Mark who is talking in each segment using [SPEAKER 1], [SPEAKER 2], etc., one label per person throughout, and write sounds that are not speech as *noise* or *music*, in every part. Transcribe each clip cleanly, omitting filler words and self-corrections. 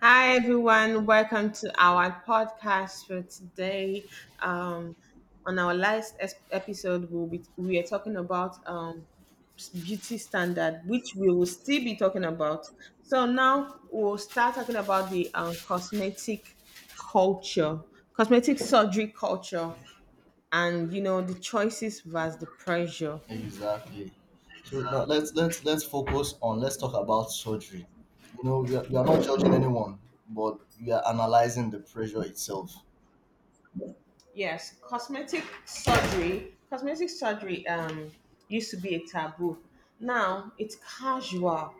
[SPEAKER 1] Hi, everyone. Welcome to our podcast for today. Um, on our last episode, we are talking about beauty standard, which we will still be talking about. So now we'll start talking about the cosmetic culture, cosmetic surgery culture, and you know the choices versus the pressure.
[SPEAKER 2] Exactly. So now let's focus on let's talk about surgery. You know, we are not judging anyone, but we are analyzing the pressure itself,
[SPEAKER 1] Yes, cosmetic surgery. Cosmetic surgery used to be a taboo. Now it's casual.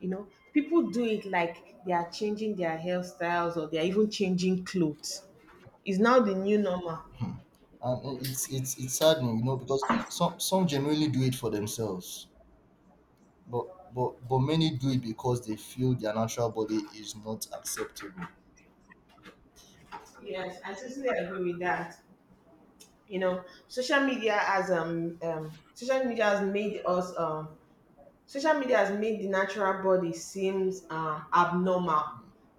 [SPEAKER 1] You know, people do it like they are changing their hairstyles or they are even changing clothes. It's now the new normal.
[SPEAKER 2] and it's saddening, you know, because some genuinely do it for themselves, but but many do it because they feel their natural body is not acceptable.
[SPEAKER 1] Yes, I totally agree with that. You know, social media has made us social media has made the natural body seems abnormal.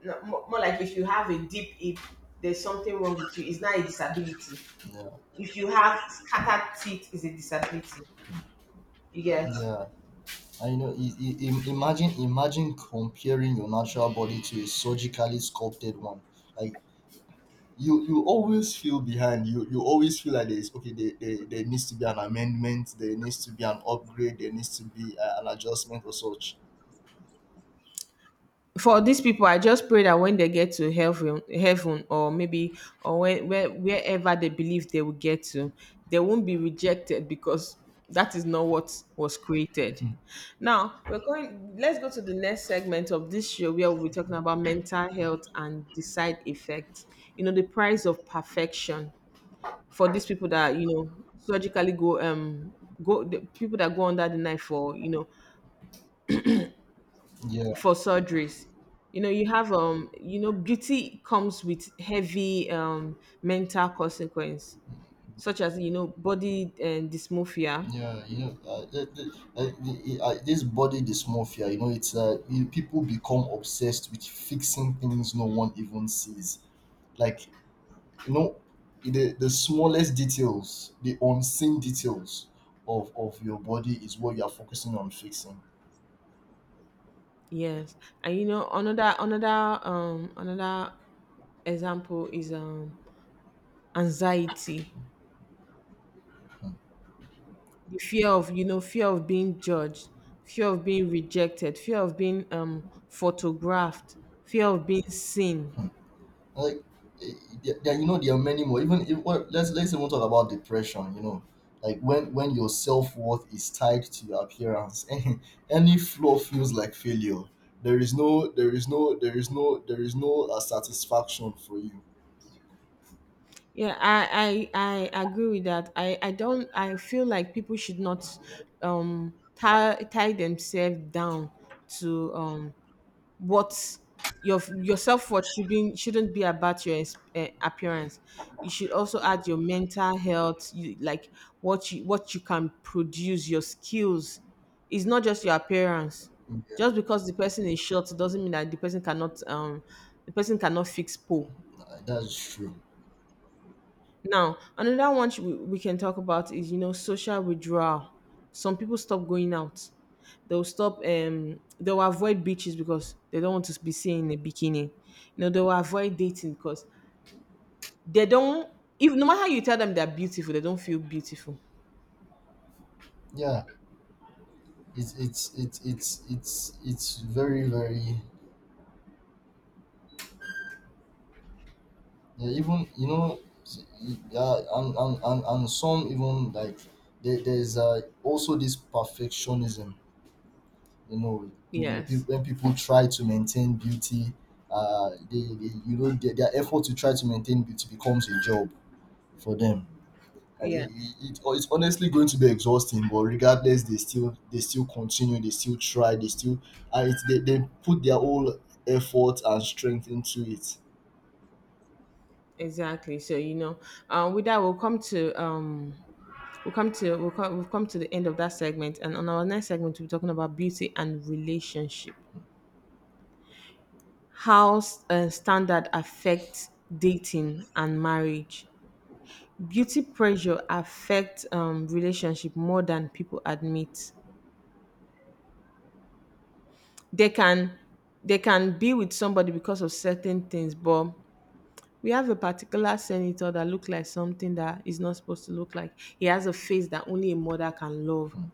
[SPEAKER 1] No, more like if you have a deep hip, there's something wrong with you. It's not a disability.
[SPEAKER 2] Yeah,
[SPEAKER 1] If you have scattered teeth, is a disability, you get.
[SPEAKER 2] yeah. I know. Imagine comparing your natural body to a surgically sculpted one. Like you always feel behind. You always feel like there's okay there needs to be an amendment, there needs to be an upgrade, there needs to be an adjustment or such.
[SPEAKER 1] For these people, I just pray that when they get to heaven or maybe, or wherever they believe they will get to, they won't be rejected because that is not what was created. Now we're going, let's go to the next segment of this show where we'll be talking about mental health and the side effects, you know, the price of perfection for these people that, you know, surgically go go the people that go under the knife for, you know,
[SPEAKER 2] Yeah,
[SPEAKER 1] for surgeries. You know, you have you know, beauty comes with heavy mental consequence, such as, you know, body and dysmorphia.
[SPEAKER 2] yeah. You know, this body dysmorphia, you know, people become obsessed with fixing things no one even sees, like, you know, the smallest details, the unseen details of your body is what you are focusing on fixing.
[SPEAKER 1] Yes, and you know, another example is anxiety, the fear of, you know, fear of being judged, fear of being rejected, fear of being photographed, fear of being seen.
[SPEAKER 2] Like, eh, you know, there are many more. Even if, well, let's even talk about depression, you know, like when your self-worth is tied to your appearance, *laughs* any flaw feels like failure. There is no there is no there is no there is no satisfaction for you.
[SPEAKER 1] Yeah, I agree with that. I don't. I feel like people should not tie themselves down to what your self worth shouldn't be about your appearance. You should also add your mental health, you, like what you, what you can produce, your skills. It's not just your appearance.
[SPEAKER 2] Yeah.
[SPEAKER 1] Just because the person is short doesn't mean that the person cannot fix pole.
[SPEAKER 2] Nah, that's true.
[SPEAKER 1] Now, another one we can talk about is, you know, social withdrawal. Some people stop going out. They'll stop, they'll avoid beaches because they don't want to be seen in a bikini. You know, they'll avoid dating because they don't, if no matter how you tell them they're beautiful, they don't feel beautiful.
[SPEAKER 2] Yeah, it's very, very, yeah, even you know yeah. And some even like, there's also this perfectionism, you know.
[SPEAKER 1] Yes.
[SPEAKER 2] When people try to maintain beauty, uh, they, you know, their effort to try to maintain beauty becomes a job for them.
[SPEAKER 1] Yeah.
[SPEAKER 2] Oh, it's honestly going to be exhausting, but regardless they still continue, they still try, they still, they put their whole effort and strength into it.
[SPEAKER 1] Exactly. So you know, with that, we'll come to we'll come to we'll come, we've come to the end of that segment, and on our next segment, we'll be talking about beauty and relationship. How standard affects dating and marriage. Beauty pressure affects relationship more than people admit. They can, they can be with somebody because of certain things, but we have a particular senator that look like something that is not supposed to look like. He has a face that only a mother can love,
[SPEAKER 2] Hmm.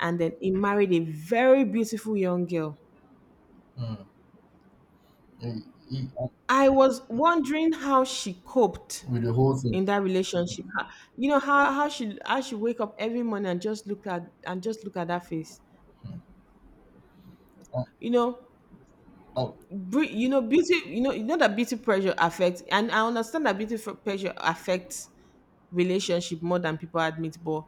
[SPEAKER 1] and then he married a very beautiful young girl.
[SPEAKER 2] Hmm. Eh, eh,
[SPEAKER 1] I was wondering how she coped
[SPEAKER 2] with the whole thing.
[SPEAKER 1] in that relationship, how, you know, how she, how she wake up every morning and just look at, and just look at that face,
[SPEAKER 2] Uh,
[SPEAKER 1] you know.
[SPEAKER 2] uh,
[SPEAKER 1] You know beauty, you know, you know that beauty pressure affects, and I understand that beauty pressure affects relationship more than people admit, but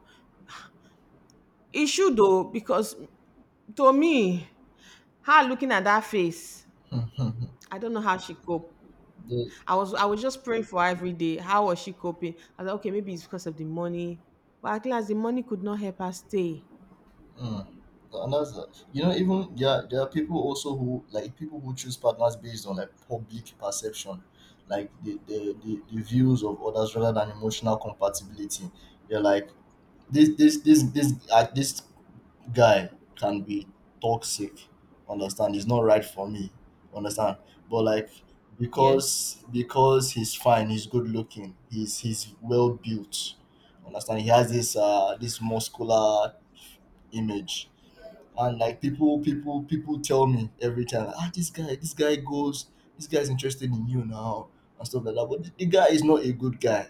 [SPEAKER 1] it should though, because to me, her looking at that face,
[SPEAKER 2] *laughs* hmm, hmm, hmm.
[SPEAKER 1] I don't know how she cope.
[SPEAKER 2] They—
[SPEAKER 1] I was just praying for her every day. How was she coping? I was like, okay, maybe it's because of the money, but at last the money could not help her stay.
[SPEAKER 2] Mm. And that's that. You know, even there are people also who, like, people who choose partners based on, like, public perception, like the views of others rather than emotional compatibility. They're like, this guy can be toxic. Understand? He's not right for me. Understand? But, like,
[SPEAKER 1] Yeah.
[SPEAKER 2] because he's fine, he's good looking, he's well built. Understand? He has this this muscular image, and like people people tell me every time, ah, this guy goes, this guy's interested in you now, and stuff like that, but the guy is not a good guy.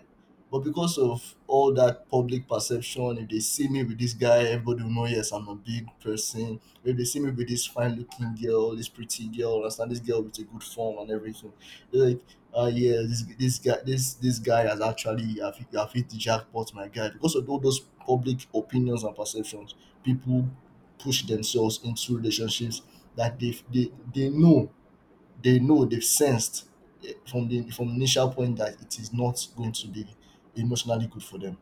[SPEAKER 2] But because of all that public perception, if they see me with this guy, everybody will know, yes, I'm a big person. If they see me with this fine looking girl, this pretty girl, understand, this girl with a good form and everything, they're like, yeah, this guy has actually have hit the jackpot, my guy, because of all those public opinions and perceptions, people push themselves into relationships that they they know, they know, they've sensed, from the from initial point that it is not going to be emotionally good for them.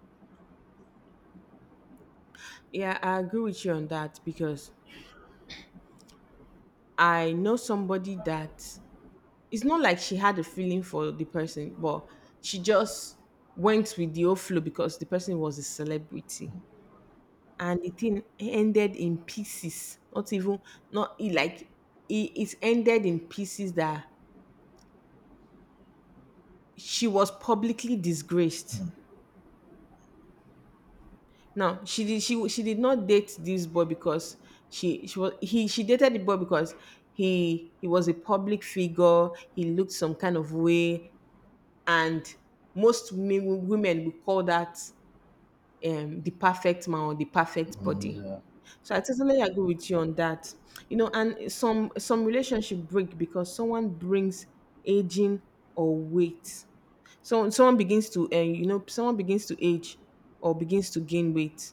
[SPEAKER 1] Yeah, I agree with you on that because I know somebody that, it's not like she had a feeling for the person, but she just went with the overflow because the person was a celebrity. And the thing ended in pieces. Not even, not it like, it ended in pieces that she was publicly disgraced. Now she did, she did not date this boy because she was he she dated the boy because he was a public figure. He looked some kind of way, and most men, women would call that the perfect man or the perfect
[SPEAKER 2] Mm,
[SPEAKER 1] body.
[SPEAKER 2] yeah,
[SPEAKER 1] So I totally agree with you on that. You know, and some relationship break because someone brings aging or weight. So someone begins to, you know, someone begins to age or begins to gain weight.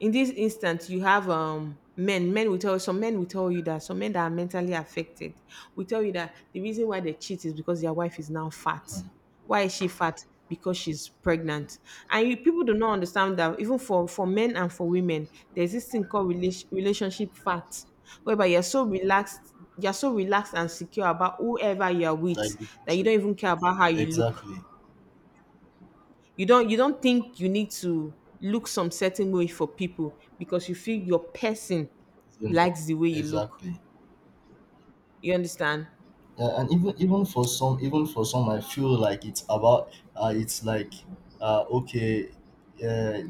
[SPEAKER 1] In this instance you have men will tell you, some men will tell you that some men that are mentally affected will tell you that the reason why they cheat is because their wife is now fat. Why is she fat? Because she's pregnant. And you people do not understand that even for men and for women, there's this thing called relationship fat, whereby you're so relaxed, you're so relaxed and secure about whoever you're
[SPEAKER 2] that you-
[SPEAKER 1] with,
[SPEAKER 2] need
[SPEAKER 1] that you
[SPEAKER 2] to-
[SPEAKER 1] don't even care about how you look.
[SPEAKER 2] exactly.
[SPEAKER 1] You don't, you don't think you need to look some certain way for people because you feel your person
[SPEAKER 2] It's enough.
[SPEAKER 1] likes the way you look.
[SPEAKER 2] Exactly.
[SPEAKER 1] You understand?
[SPEAKER 2] Yeah, and even for some, I feel like it's about it's like, okay, uh,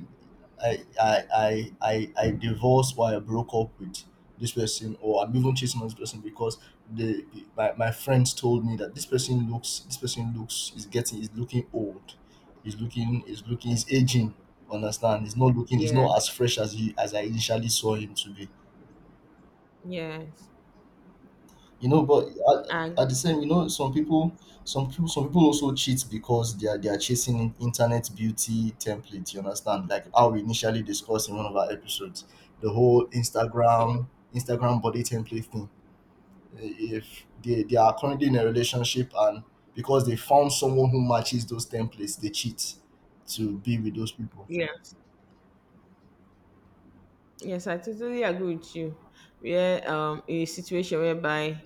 [SPEAKER 2] I I divorced or I broke up with this person, or I'm even chasing this person because the my friends told me that this person looks is getting is looking old, is aging. Understand? He's not looking. He's
[SPEAKER 1] Yeah,
[SPEAKER 2] not as fresh as he as I initially saw him to be.
[SPEAKER 1] yes,
[SPEAKER 2] You know, but at
[SPEAKER 1] and
[SPEAKER 2] the same, you know, some people also cheat because they are chasing internet beauty template. You understand? Like how we initially discussed in one of our episodes, the whole
[SPEAKER 1] yeah,
[SPEAKER 2] Instagram body template thing. If they are currently in a relationship and because they found someone who matches those templates, they cheat to be with those people.
[SPEAKER 1] yes, yes, I totally agree with you. Where in a situation whereby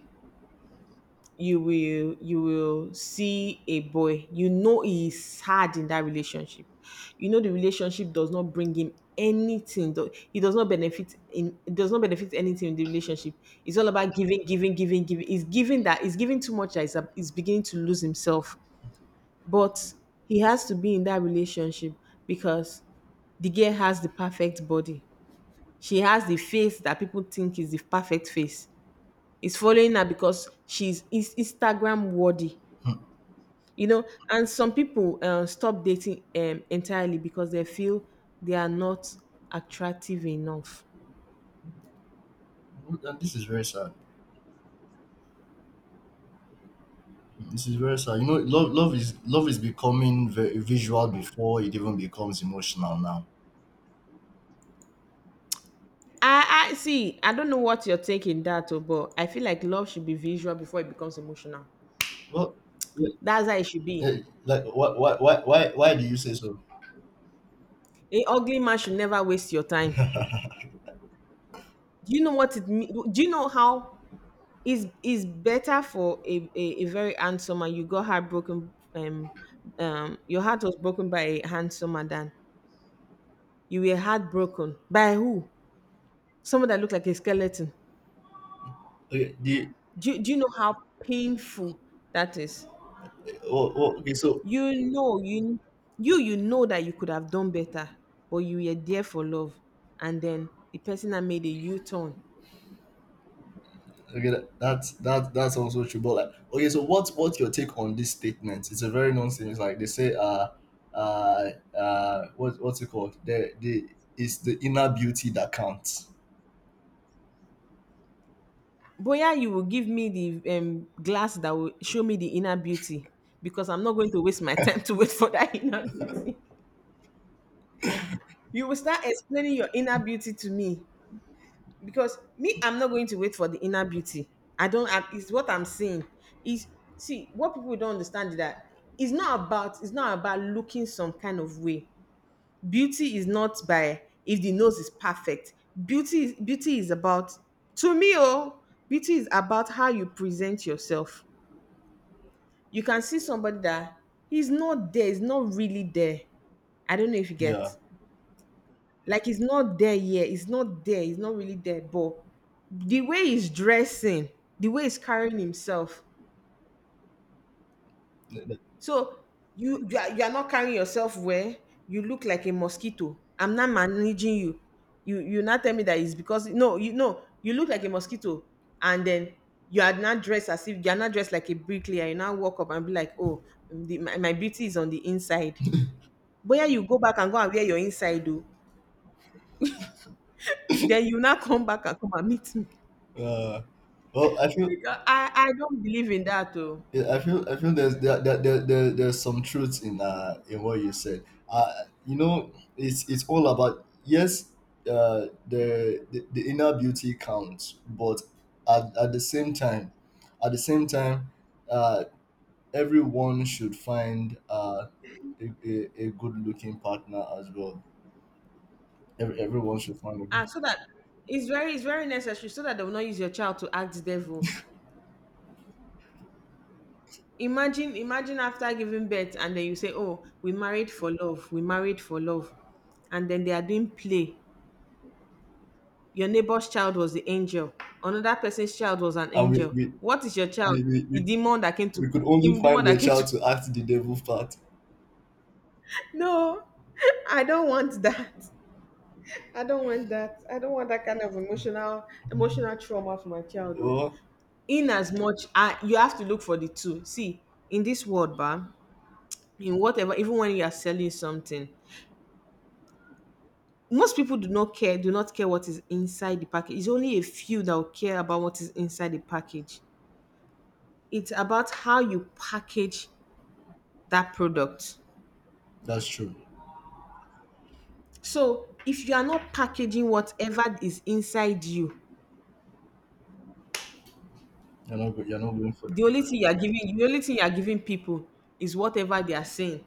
[SPEAKER 1] you will, you will see a boy, you know he is sad in that relationship. You know the relationship does not bring him anything. He does not benefit in it, does not benefit anything in the relationship. It's all about giving, giving, giving, giving. He's giving, that he's giving too much that he's beginning to lose himself. But he has to be in that relationship because the girl has the perfect body. She has the face that people think is the perfect face. He's following her because she's is Instagram worthy,
[SPEAKER 2] Hmm.
[SPEAKER 1] you know. And some people stop dating entirely because they feel they are not attractive enough.
[SPEAKER 2] And this is very sad. This is very sad. You know, love, love is becoming very visual before it even becomes emotional now.
[SPEAKER 1] I see. I don't know what you're taking that, oh, but I feel like love should be visual before it becomes emotional.
[SPEAKER 2] Well, yeah,
[SPEAKER 1] That's how it should be.
[SPEAKER 2] eh, like, why do you say so?
[SPEAKER 1] An ugly man should never waste your time. Do you know what it mean? Do you know how, is better for a very handsome man you got heartbroken, your heart was broken by a handsome man than you were heartbroken by who? Someone that looked like a skeleton.
[SPEAKER 2] Okay, the—
[SPEAKER 1] Do you know how painful that is?
[SPEAKER 2] Oh, oh, okay, so—
[SPEAKER 1] You know, you you know that you could have done better, but you were there for love, and then the person that made a U turn.
[SPEAKER 2] Okay, that's that's also true. But, like, okay, so what's your take on this statement? It's a very nonsense. Like they say, uh, what what's it called? The It's the inner beauty that counts.
[SPEAKER 1] Boya, you will give me the glass that will show me the inner beauty, because I'm not going to waste my time *laughs* to wait for that inner beauty. You will start explaining your inner beauty to me, because me, I'm not going to wait for the inner beauty. I don't, I, it's what I'm seeing is, see, what people don't understand is that it's not about, it's not about looking some kind of way. Beauty is not by if the nose is perfect. Beauty is, beauty is about, to me oh, beauty is about how you present yourself. You can see somebody that he's not there, he's not really there, I don't know if you
[SPEAKER 2] Yeah.
[SPEAKER 1] get. Like, it's not there yet. It's not there. It's not really there. But the way he's dressing, the way he's carrying himself. So you you are not carrying yourself well. You look like a mosquito. I'm not managing you. You not tell me that it's because, no, you, no, you look like a mosquito, and then you are not dressed as if, you are not dressed like a bricklayer. You now walk up and be like, oh, the, my beauty is on the inside. But yeah, you go back and go and wear your inside, though. Then you now come back and come and meet me.
[SPEAKER 2] Uh, well, I feel
[SPEAKER 1] Because I don't believe in that though.
[SPEAKER 2] Yeah, I feel there's there's some truth in what you said. Uh, you know, it's all about, yes, uh, the inner beauty counts, but at the same time, at the same time uh, everyone should find, uh, a good looking partner as well. Everyone should find a good—
[SPEAKER 1] Ah, so that, it's very, it's very necessary so that they will not use your child to act the devil. Imagine after giving birth, and then you say, oh, we married for love, we married for love. And then they are doing play. Your neighbor's child was the angel, another person's child was an
[SPEAKER 2] And we
[SPEAKER 1] angel.
[SPEAKER 2] we,
[SPEAKER 1] What is your child?
[SPEAKER 2] we, we, we
[SPEAKER 1] The demon that came to
[SPEAKER 2] we could only
[SPEAKER 1] the demon
[SPEAKER 2] find your
[SPEAKER 1] that came to
[SPEAKER 2] child to act the devil part.
[SPEAKER 1] *laughs* no, *laughs* I don't want that. I don't want that. I don't want that kind of emotional trauma for my child. Oh.
[SPEAKER 2] Oh,
[SPEAKER 1] In as much you have to look for the two see in this world ba in whatever, even when you are selling something, most people do not care, what is inside the package. It's only a few that will care about what is inside the package. It's about how you package that product.
[SPEAKER 2] that's true.
[SPEAKER 1] So if you are not packaging whatever is inside you,
[SPEAKER 2] You're not going for the people.
[SPEAKER 1] the only thing you are giving people is whatever they are saying.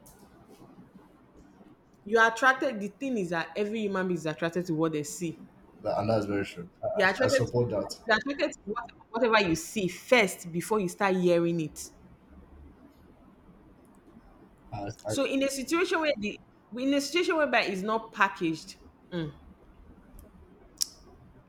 [SPEAKER 1] You are attracted. The thing is that every human being is attracted to what they see.
[SPEAKER 2] That, and that's very true. I,
[SPEAKER 1] They
[SPEAKER 2] I
[SPEAKER 1] are
[SPEAKER 2] I
[SPEAKER 1] attracted to,
[SPEAKER 2] support that.
[SPEAKER 1] they are attracted to what, whatever you see first before you start hearing it.
[SPEAKER 2] I, I,
[SPEAKER 1] So in a situation whereby it's not packaged, mm,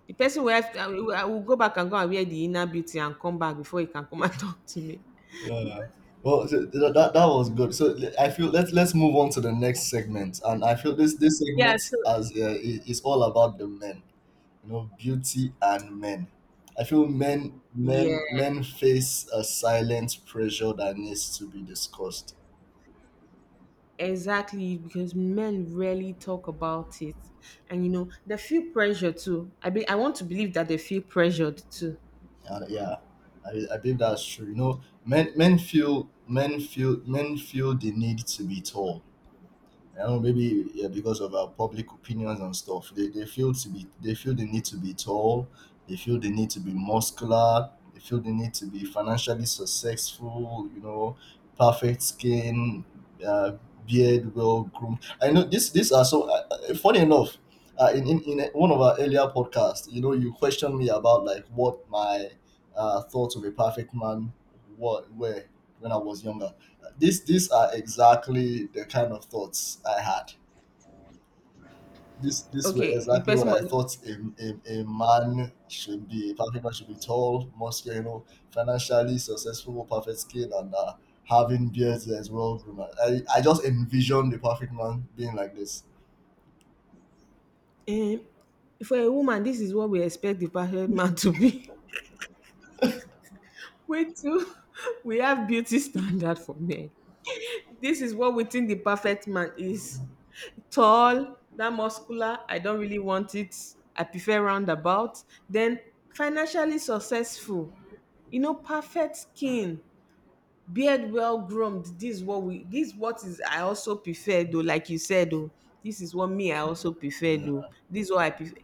[SPEAKER 1] the person will have to, I will go back and go and wear the inner beauty and come back before he can come *laughs* and talk to me.
[SPEAKER 2] yeah. Well, that that was good. So, I feel let's move on to the next segment, and I feel this this
[SPEAKER 1] Yeah,
[SPEAKER 2] segment,
[SPEAKER 1] so
[SPEAKER 2] as, is all about the men, you know, beauty and men. I feel men
[SPEAKER 1] yeah,
[SPEAKER 2] men men face a silent pressure that needs to be discussed.
[SPEAKER 1] exactly. Because men rarely talk about it, and you know they feel pressure too. I want to believe that they feel pressured too.
[SPEAKER 2] And yeah, I believe that's true. You know, men feel the need to be tall. I don't know, maybe, yeah, because of our public opinions and stuff. They feel to be— they feel the need to be tall, they feel the need to be muscular, they feel the need to be financially successful, you know, perfect skin, uh, beard well groomed. I know this these are so, funny enough. In one of our earlier podcasts, you know, you questioned me about, like, what my thoughts of a perfect man what were when I was younger. These are exactly the kind of thoughts I had. These were
[SPEAKER 1] Okay, the
[SPEAKER 2] exactly what
[SPEAKER 1] person
[SPEAKER 2] I
[SPEAKER 1] must
[SPEAKER 2] thought a, a man should be. A perfect man should be tall, muscular, you know, financially successful, perfect skin, and, having beards as well. Groom. I just envisioned the perfect man being like this.
[SPEAKER 1] Um, for a woman, this is what we expect the perfect man to be. *laughs* Wait till *laughs* we have beauty standard for men. This is what we think the perfect man is. Tall, that muscular, I don't really want it. I prefer roundabout. Then financially successful, you know, perfect skin, beard well groomed. This is what is I also prefer though, like you said though. This is what me I also prefer though. This is what I prefer.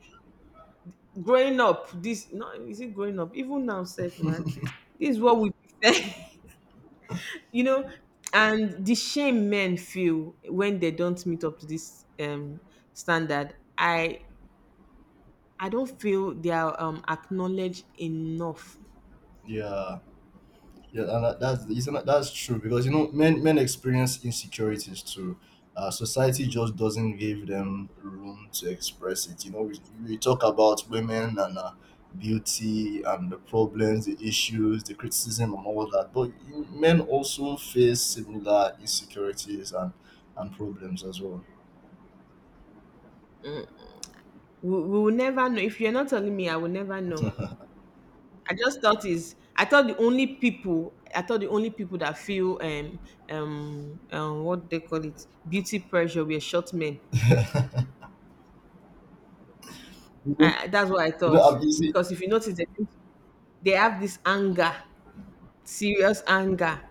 [SPEAKER 1] Growing up, this no is it growing up even now self man, this is what we prefer. *laughs* You know, and the shame men feel when they don't meet up to this standard, I don't feel they are acknowledged enough.
[SPEAKER 2] Yeah. Yeah, and that- that's it's not— that's true, because you know men experience insecurities too. Society just doesn't give them room to express it. You know, we talk about women and, beauty and the problems, the issues, the criticism, and all that. But men also face similar insecurities and problems as well.
[SPEAKER 1] We will never know. If you're not telling me, I will never know. I thought the only people that feel what they call it beauty pressure were short men.
[SPEAKER 2] You know,
[SPEAKER 1] I, that's what I
[SPEAKER 2] you know,
[SPEAKER 1] thought.
[SPEAKER 2] you see,
[SPEAKER 1] Because if you notice, think- they have this anger, serious anger.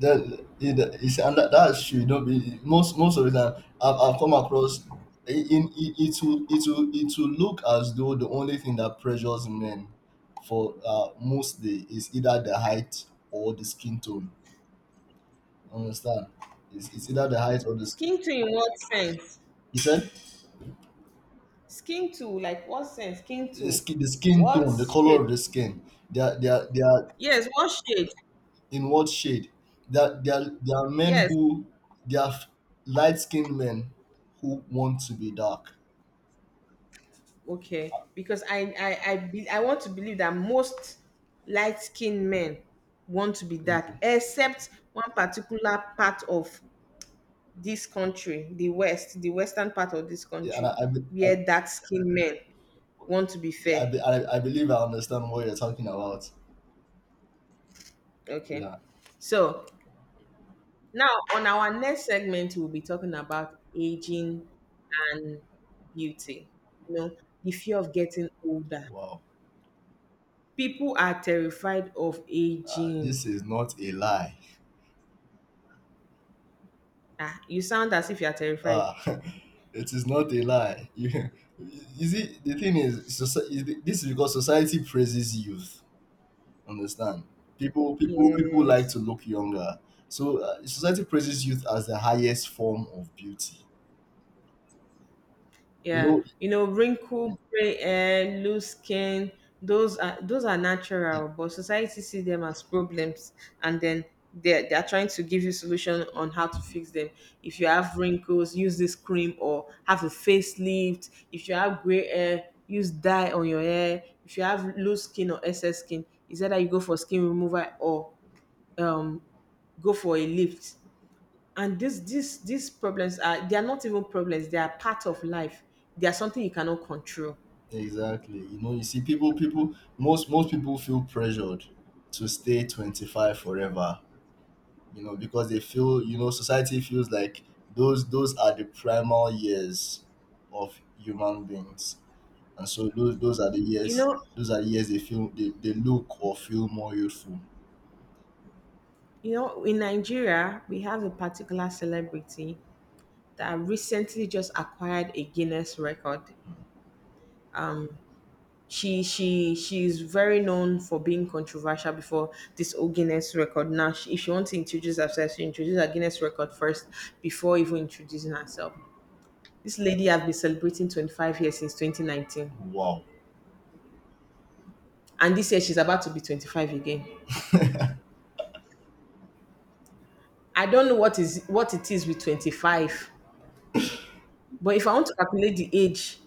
[SPEAKER 2] that it is. And that should not be. Most most of the time I've come across, in it, it will it will look as though the only thing that pressures men for most day is either the height or the skin tone. Understand? It's either the height or the skin.
[SPEAKER 1] Skin to in what sense?
[SPEAKER 2] He said
[SPEAKER 1] Like what sense? Skin
[SPEAKER 2] the
[SPEAKER 1] to
[SPEAKER 2] skin— the skin
[SPEAKER 1] what
[SPEAKER 2] tone, the color
[SPEAKER 1] shade?
[SPEAKER 2] of the skin. They are—
[SPEAKER 1] Yes, what shade?
[SPEAKER 2] in what shade? They are men
[SPEAKER 1] Yes.
[SPEAKER 2] who— they are light skinned men who want to be dark.
[SPEAKER 1] Okay. Because I want to believe that most light skinned men want to be that, except one particular part of this country, the West, the western part of this
[SPEAKER 2] Yeah, and
[SPEAKER 1] country, where dark skinned men want to be
[SPEAKER 2] yeah,
[SPEAKER 1] fair.
[SPEAKER 2] I believe I understand what you're talking about.
[SPEAKER 1] Okay.
[SPEAKER 2] Yeah.
[SPEAKER 1] So now, on our next segment, we'll be talking about aging and beauty. You know, the fear of getting older.
[SPEAKER 2] Wow.
[SPEAKER 1] People are terrified of aging.
[SPEAKER 2] This is not a lie.
[SPEAKER 1] Ah, you sound as if you are terrified.
[SPEAKER 2] Ah, *laughs* it is not a lie. *laughs* You, you see, the thing is, this is because society praises youth. Understand? People like
[SPEAKER 1] Yes.
[SPEAKER 2] to look younger. So, society praises youth as the highest form of beauty. You
[SPEAKER 1] Yeah,
[SPEAKER 2] know,
[SPEAKER 1] you know, wrinkle, gray hair, loose skin, those are
[SPEAKER 2] e-
[SPEAKER 1] natural, but society see them as problems, and then they are trying to give you solution on how to fix them. If you have wrinkles, use this cream or have a facelift. If you have gray hair, use dye on your hair. If you have loose skin or excess skin, is either you go for skin removal or um go for a lift. And these problems are, they are not even problems, they are part of life. They are something you cannot control,
[SPEAKER 2] exactly. You know, you see, most people feel pressured to stay 25 forever. You know, because they feel, you know, society feels like those are the primal years of human beings. And so
[SPEAKER 1] you know.
[SPEAKER 2] those are the years they feel they look or feel more youthful.
[SPEAKER 1] You know, in Nigeria we have a particular celebrity that recently just acquired a Guinness record. She's very known for being controversial before this old Guinness record. Now, she, if she wants to introduce herself, she introduces her Guinness record first before even introducing herself. This lady has been celebrating 25 years since 2019,
[SPEAKER 2] Wow.
[SPEAKER 1] and this year she's about to be 25 again. I don't know what is what it is with 25, but if I want to calculate the age,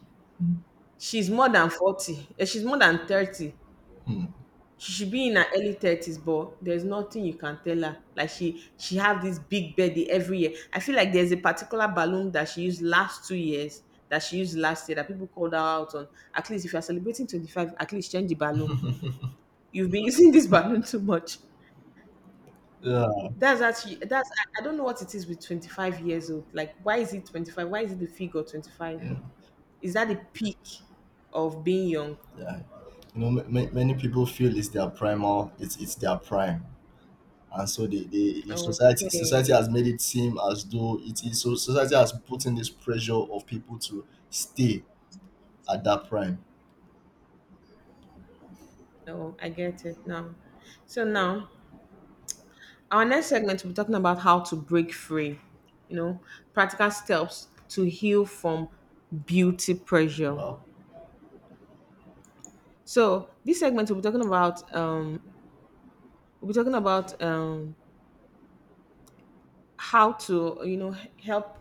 [SPEAKER 1] she's more than 40. Eh, she's more than 30. She should be in her early 30s, but there's nothing you can tell her. Like, she have this big birthday every year. I feel like there's a particular balloon that she used last 2 years, that she used last year, that people called her out on. At least if you're celebrating 25, at least change the balloon. You've been *laughs* using this balloon too much.
[SPEAKER 2] Yeah.
[SPEAKER 1] That's actually that's I don't know what it is with 25 years old. Like, why is it 25? Why is it the figure 25?
[SPEAKER 2] Yeah.
[SPEAKER 1] Is that the peak of being young?
[SPEAKER 2] Yeah. You know, many people feel it's their primal, it's their prime. And so the
[SPEAKER 1] Okay.
[SPEAKER 2] society has made it seem as though it is. So society has put in this pressure of people to stay at that prime.
[SPEAKER 1] So I get it now. So now, our next segment, we'll be talking about how to break free. You know, practical steps to heal from beauty pressure.
[SPEAKER 2] Wow.
[SPEAKER 1] So this segment we'll be talking about we'll be talking about um how to, you know, help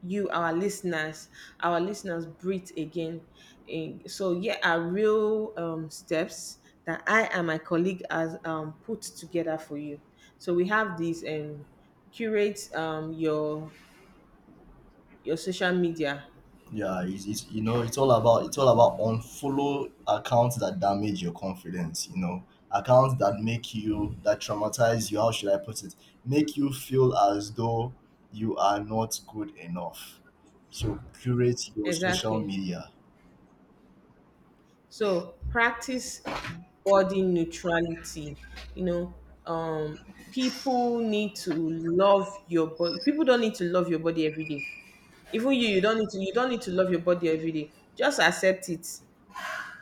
[SPEAKER 1] you, our listeners, breathe again. Eh, so here are real steps that I and my colleague has put together for you. So we have these, curate, your social media.
[SPEAKER 2] Yeah, it's, you know, it's all about— unfollow accounts that damage your confidence. You know, accounts that make you— that traumatize you. How should I put it? Make you feel as though you are not good enough. So curate your social
[SPEAKER 1] Exactly.
[SPEAKER 2] media.
[SPEAKER 1] So practice body neutrality, you know, um people need to love your body people don't need to love your body every day. Even you, you don't need to. You don't need to love your body every day. Just accept it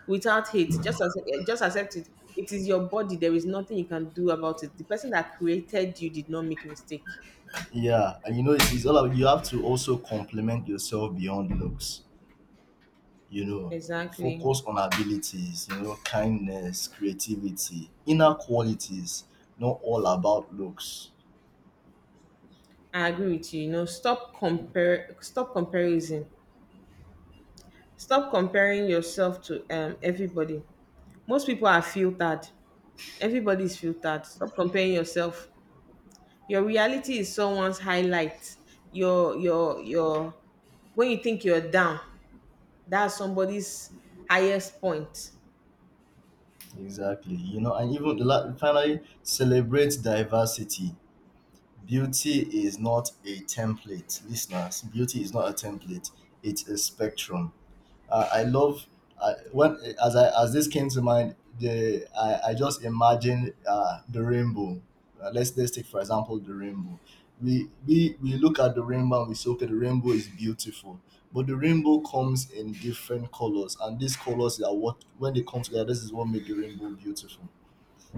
[SPEAKER 1] without hate. Just accept it. It is your body. There is nothing you can do about it. The person that created you did not make mistake.
[SPEAKER 2] Yeah, and you know it's all about you have to also compliment yourself beyond looks. You know,
[SPEAKER 1] Exactly.
[SPEAKER 2] focus on abilities. You know, kindness, creativity, inner qualities. Not all about looks.
[SPEAKER 1] I agree with you. You know, stop comparison. Stop comparing yourself to everybody. Most people are filtered. Everybody is filtered. Stop comparing yourself. Your reality is someone's highlight. Your when you think you're down, that's somebody's highest point.
[SPEAKER 2] Exactly. You know, and even finally, celebrate diversity. Beauty is not a template, listeners. Beauty is not a template. It's a spectrum. I love— when as I as this came to mind, the I just imagined, the rainbow. Let's take for example the rainbow. We look at the rainbow and we say, okay, the rainbow is beautiful, but the rainbow comes in different colors, and these colors are what, when they come together, this is what make the rainbow beautiful.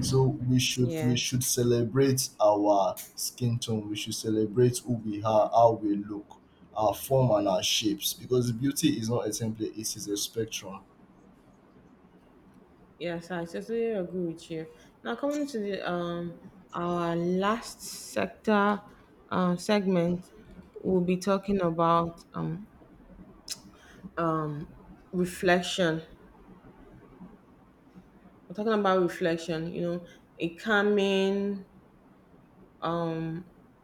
[SPEAKER 2] So we
[SPEAKER 1] Yes.
[SPEAKER 2] should celebrate our skin tone. We should celebrate who we are, how we look, our form and our shapes. Because beauty is not a template; it is a spectrum.
[SPEAKER 1] Yes, I totally agree with you. Now, coming to the our last sector segment, we'll be talking about um reflection. We're talking about reflection, you know, a calming,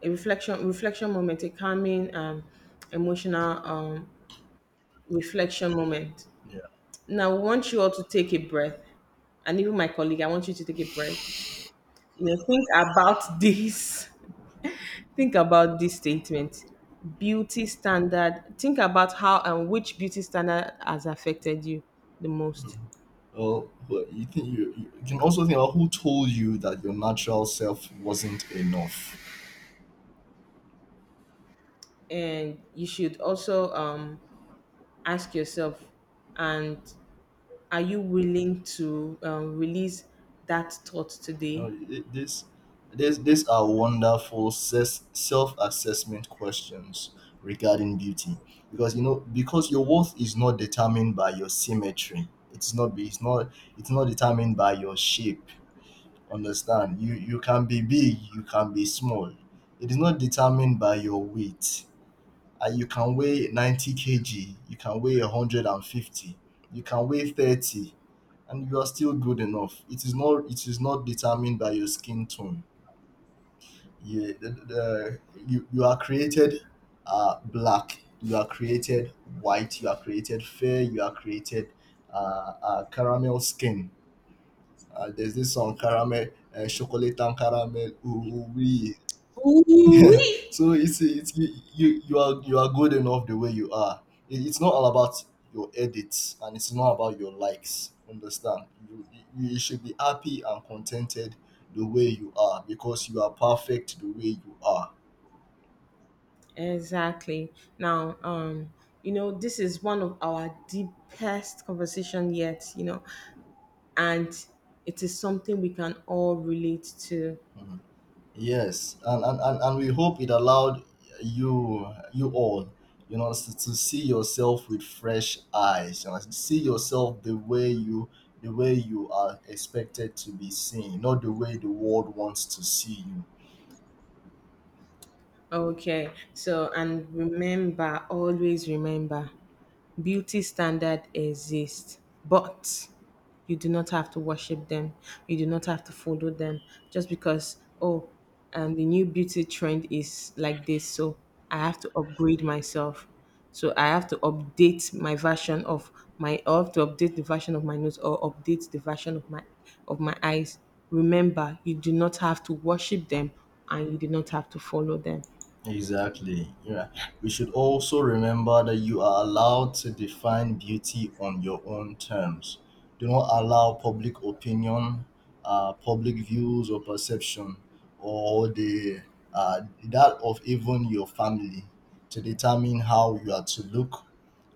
[SPEAKER 1] reflection moment, a calming, emotional reflection moment.
[SPEAKER 2] Yeah.
[SPEAKER 1] Now, I want you all to take a breath, and even my colleague, I want you to take a breath. You know, think about this. Think about this statement. Beauty standard. Think about how and which beauty standard has affected you the
[SPEAKER 2] Mm.
[SPEAKER 1] most.
[SPEAKER 2] Well, but you think— you, you can also think about who told you that your natural self wasn't enough.
[SPEAKER 1] And you should also ask yourself, and are you willing to release that thought
[SPEAKER 2] No,
[SPEAKER 1] today?
[SPEAKER 2] these are wonderful self-assessment questions regarding beauty, because, you know, because your worth is not determined by your symmetry. It's not. It's not. It's not determined by your shape. Understand? You can be big. You can be small. It is not determined by your weight, and you can weigh 90 kilograms, you can weigh 150, you can weigh 30, and you are still good enough. It is not— it is not determined by your skin tone. You, the, the, you are created, black, you are created white, you are created fair, you are created, caramel skin. There's this song, caramel, chocolate and caramel, ooh, wee. Yeah,
[SPEAKER 1] Ooh-wee.
[SPEAKER 2] *laughs* so it's you you you are— you are good enough the way you are. It's not all about your edits, and it's not about your likes. Understand? You should be happy and contented the way you are, because you are perfect the way you are.
[SPEAKER 1] Exactly. Now, you know, this is one of our deepest conversation yet. You know, and it is something we can all relate to.
[SPEAKER 2] Mhm. Yes, and, we hope it allowed you— you all, you know, to see yourself with fresh eyes, you know, see yourself the way you are expected to be seen, not the way the world wants to see you.
[SPEAKER 1] Okay, so, and remember, always remember beauty standard exist, but you do not have to worship them. You do not have to follow them just because, oh, the new beauty trend is like this, so I have to upgrade myself. So I have to update my version of my I have to update the version of my nose, or update the version of my eyes. Remember, you do not have to worship them, and you do not have to follow them.
[SPEAKER 2] Exactly. Yeah. We should also remember that you are allowed to define beauty on your own terms. Do not allow public opinion, public views or perception, or the that of even your family, to determine how you are to look,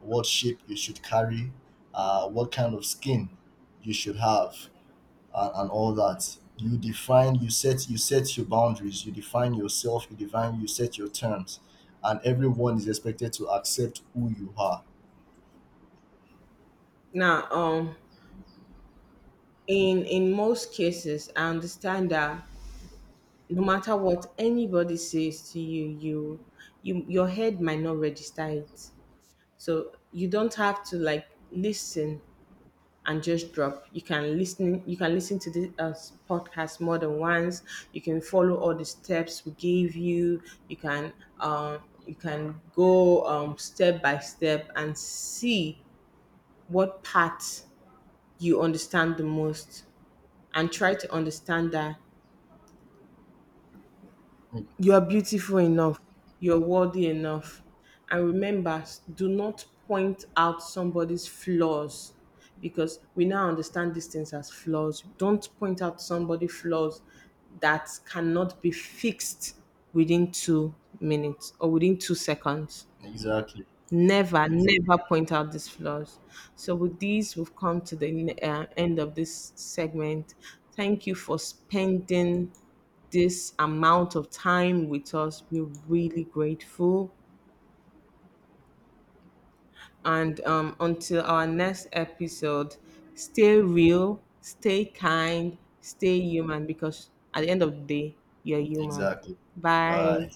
[SPEAKER 2] what shape you should carry, what kind of skin you should have, and, all that. You define— you set your boundaries, you define yourself, you set your terms, and everyone is expected to accept who you are.
[SPEAKER 1] Now, in most cases, I understand that no matter what anybody says to you, you your head might not register it. So you don't have to like listen and just drop. You can listen, to this podcast more than once. You can follow all the steps we gave you. You can, um you can go, step by step, and see what part you understand the most, and try to understand that
[SPEAKER 2] Mm,
[SPEAKER 1] you are beautiful enough. You're worthy enough. And remember, s- do not point out somebody's flaws because we now understand these things as flaws. Don't point out somebody flaws that cannot be fixed within 2 minutes or within 2 seconds.
[SPEAKER 2] exactly,
[SPEAKER 1] Never, never point out these flaws. So, with this, we've come to the end of this segment. Thank you for spending this amount of time with us. We're really grateful. And until our next episode, stay real, stay kind, stay human, because at the end of the day, you're human.
[SPEAKER 2] exactly,
[SPEAKER 1] Bye.
[SPEAKER 2] bye.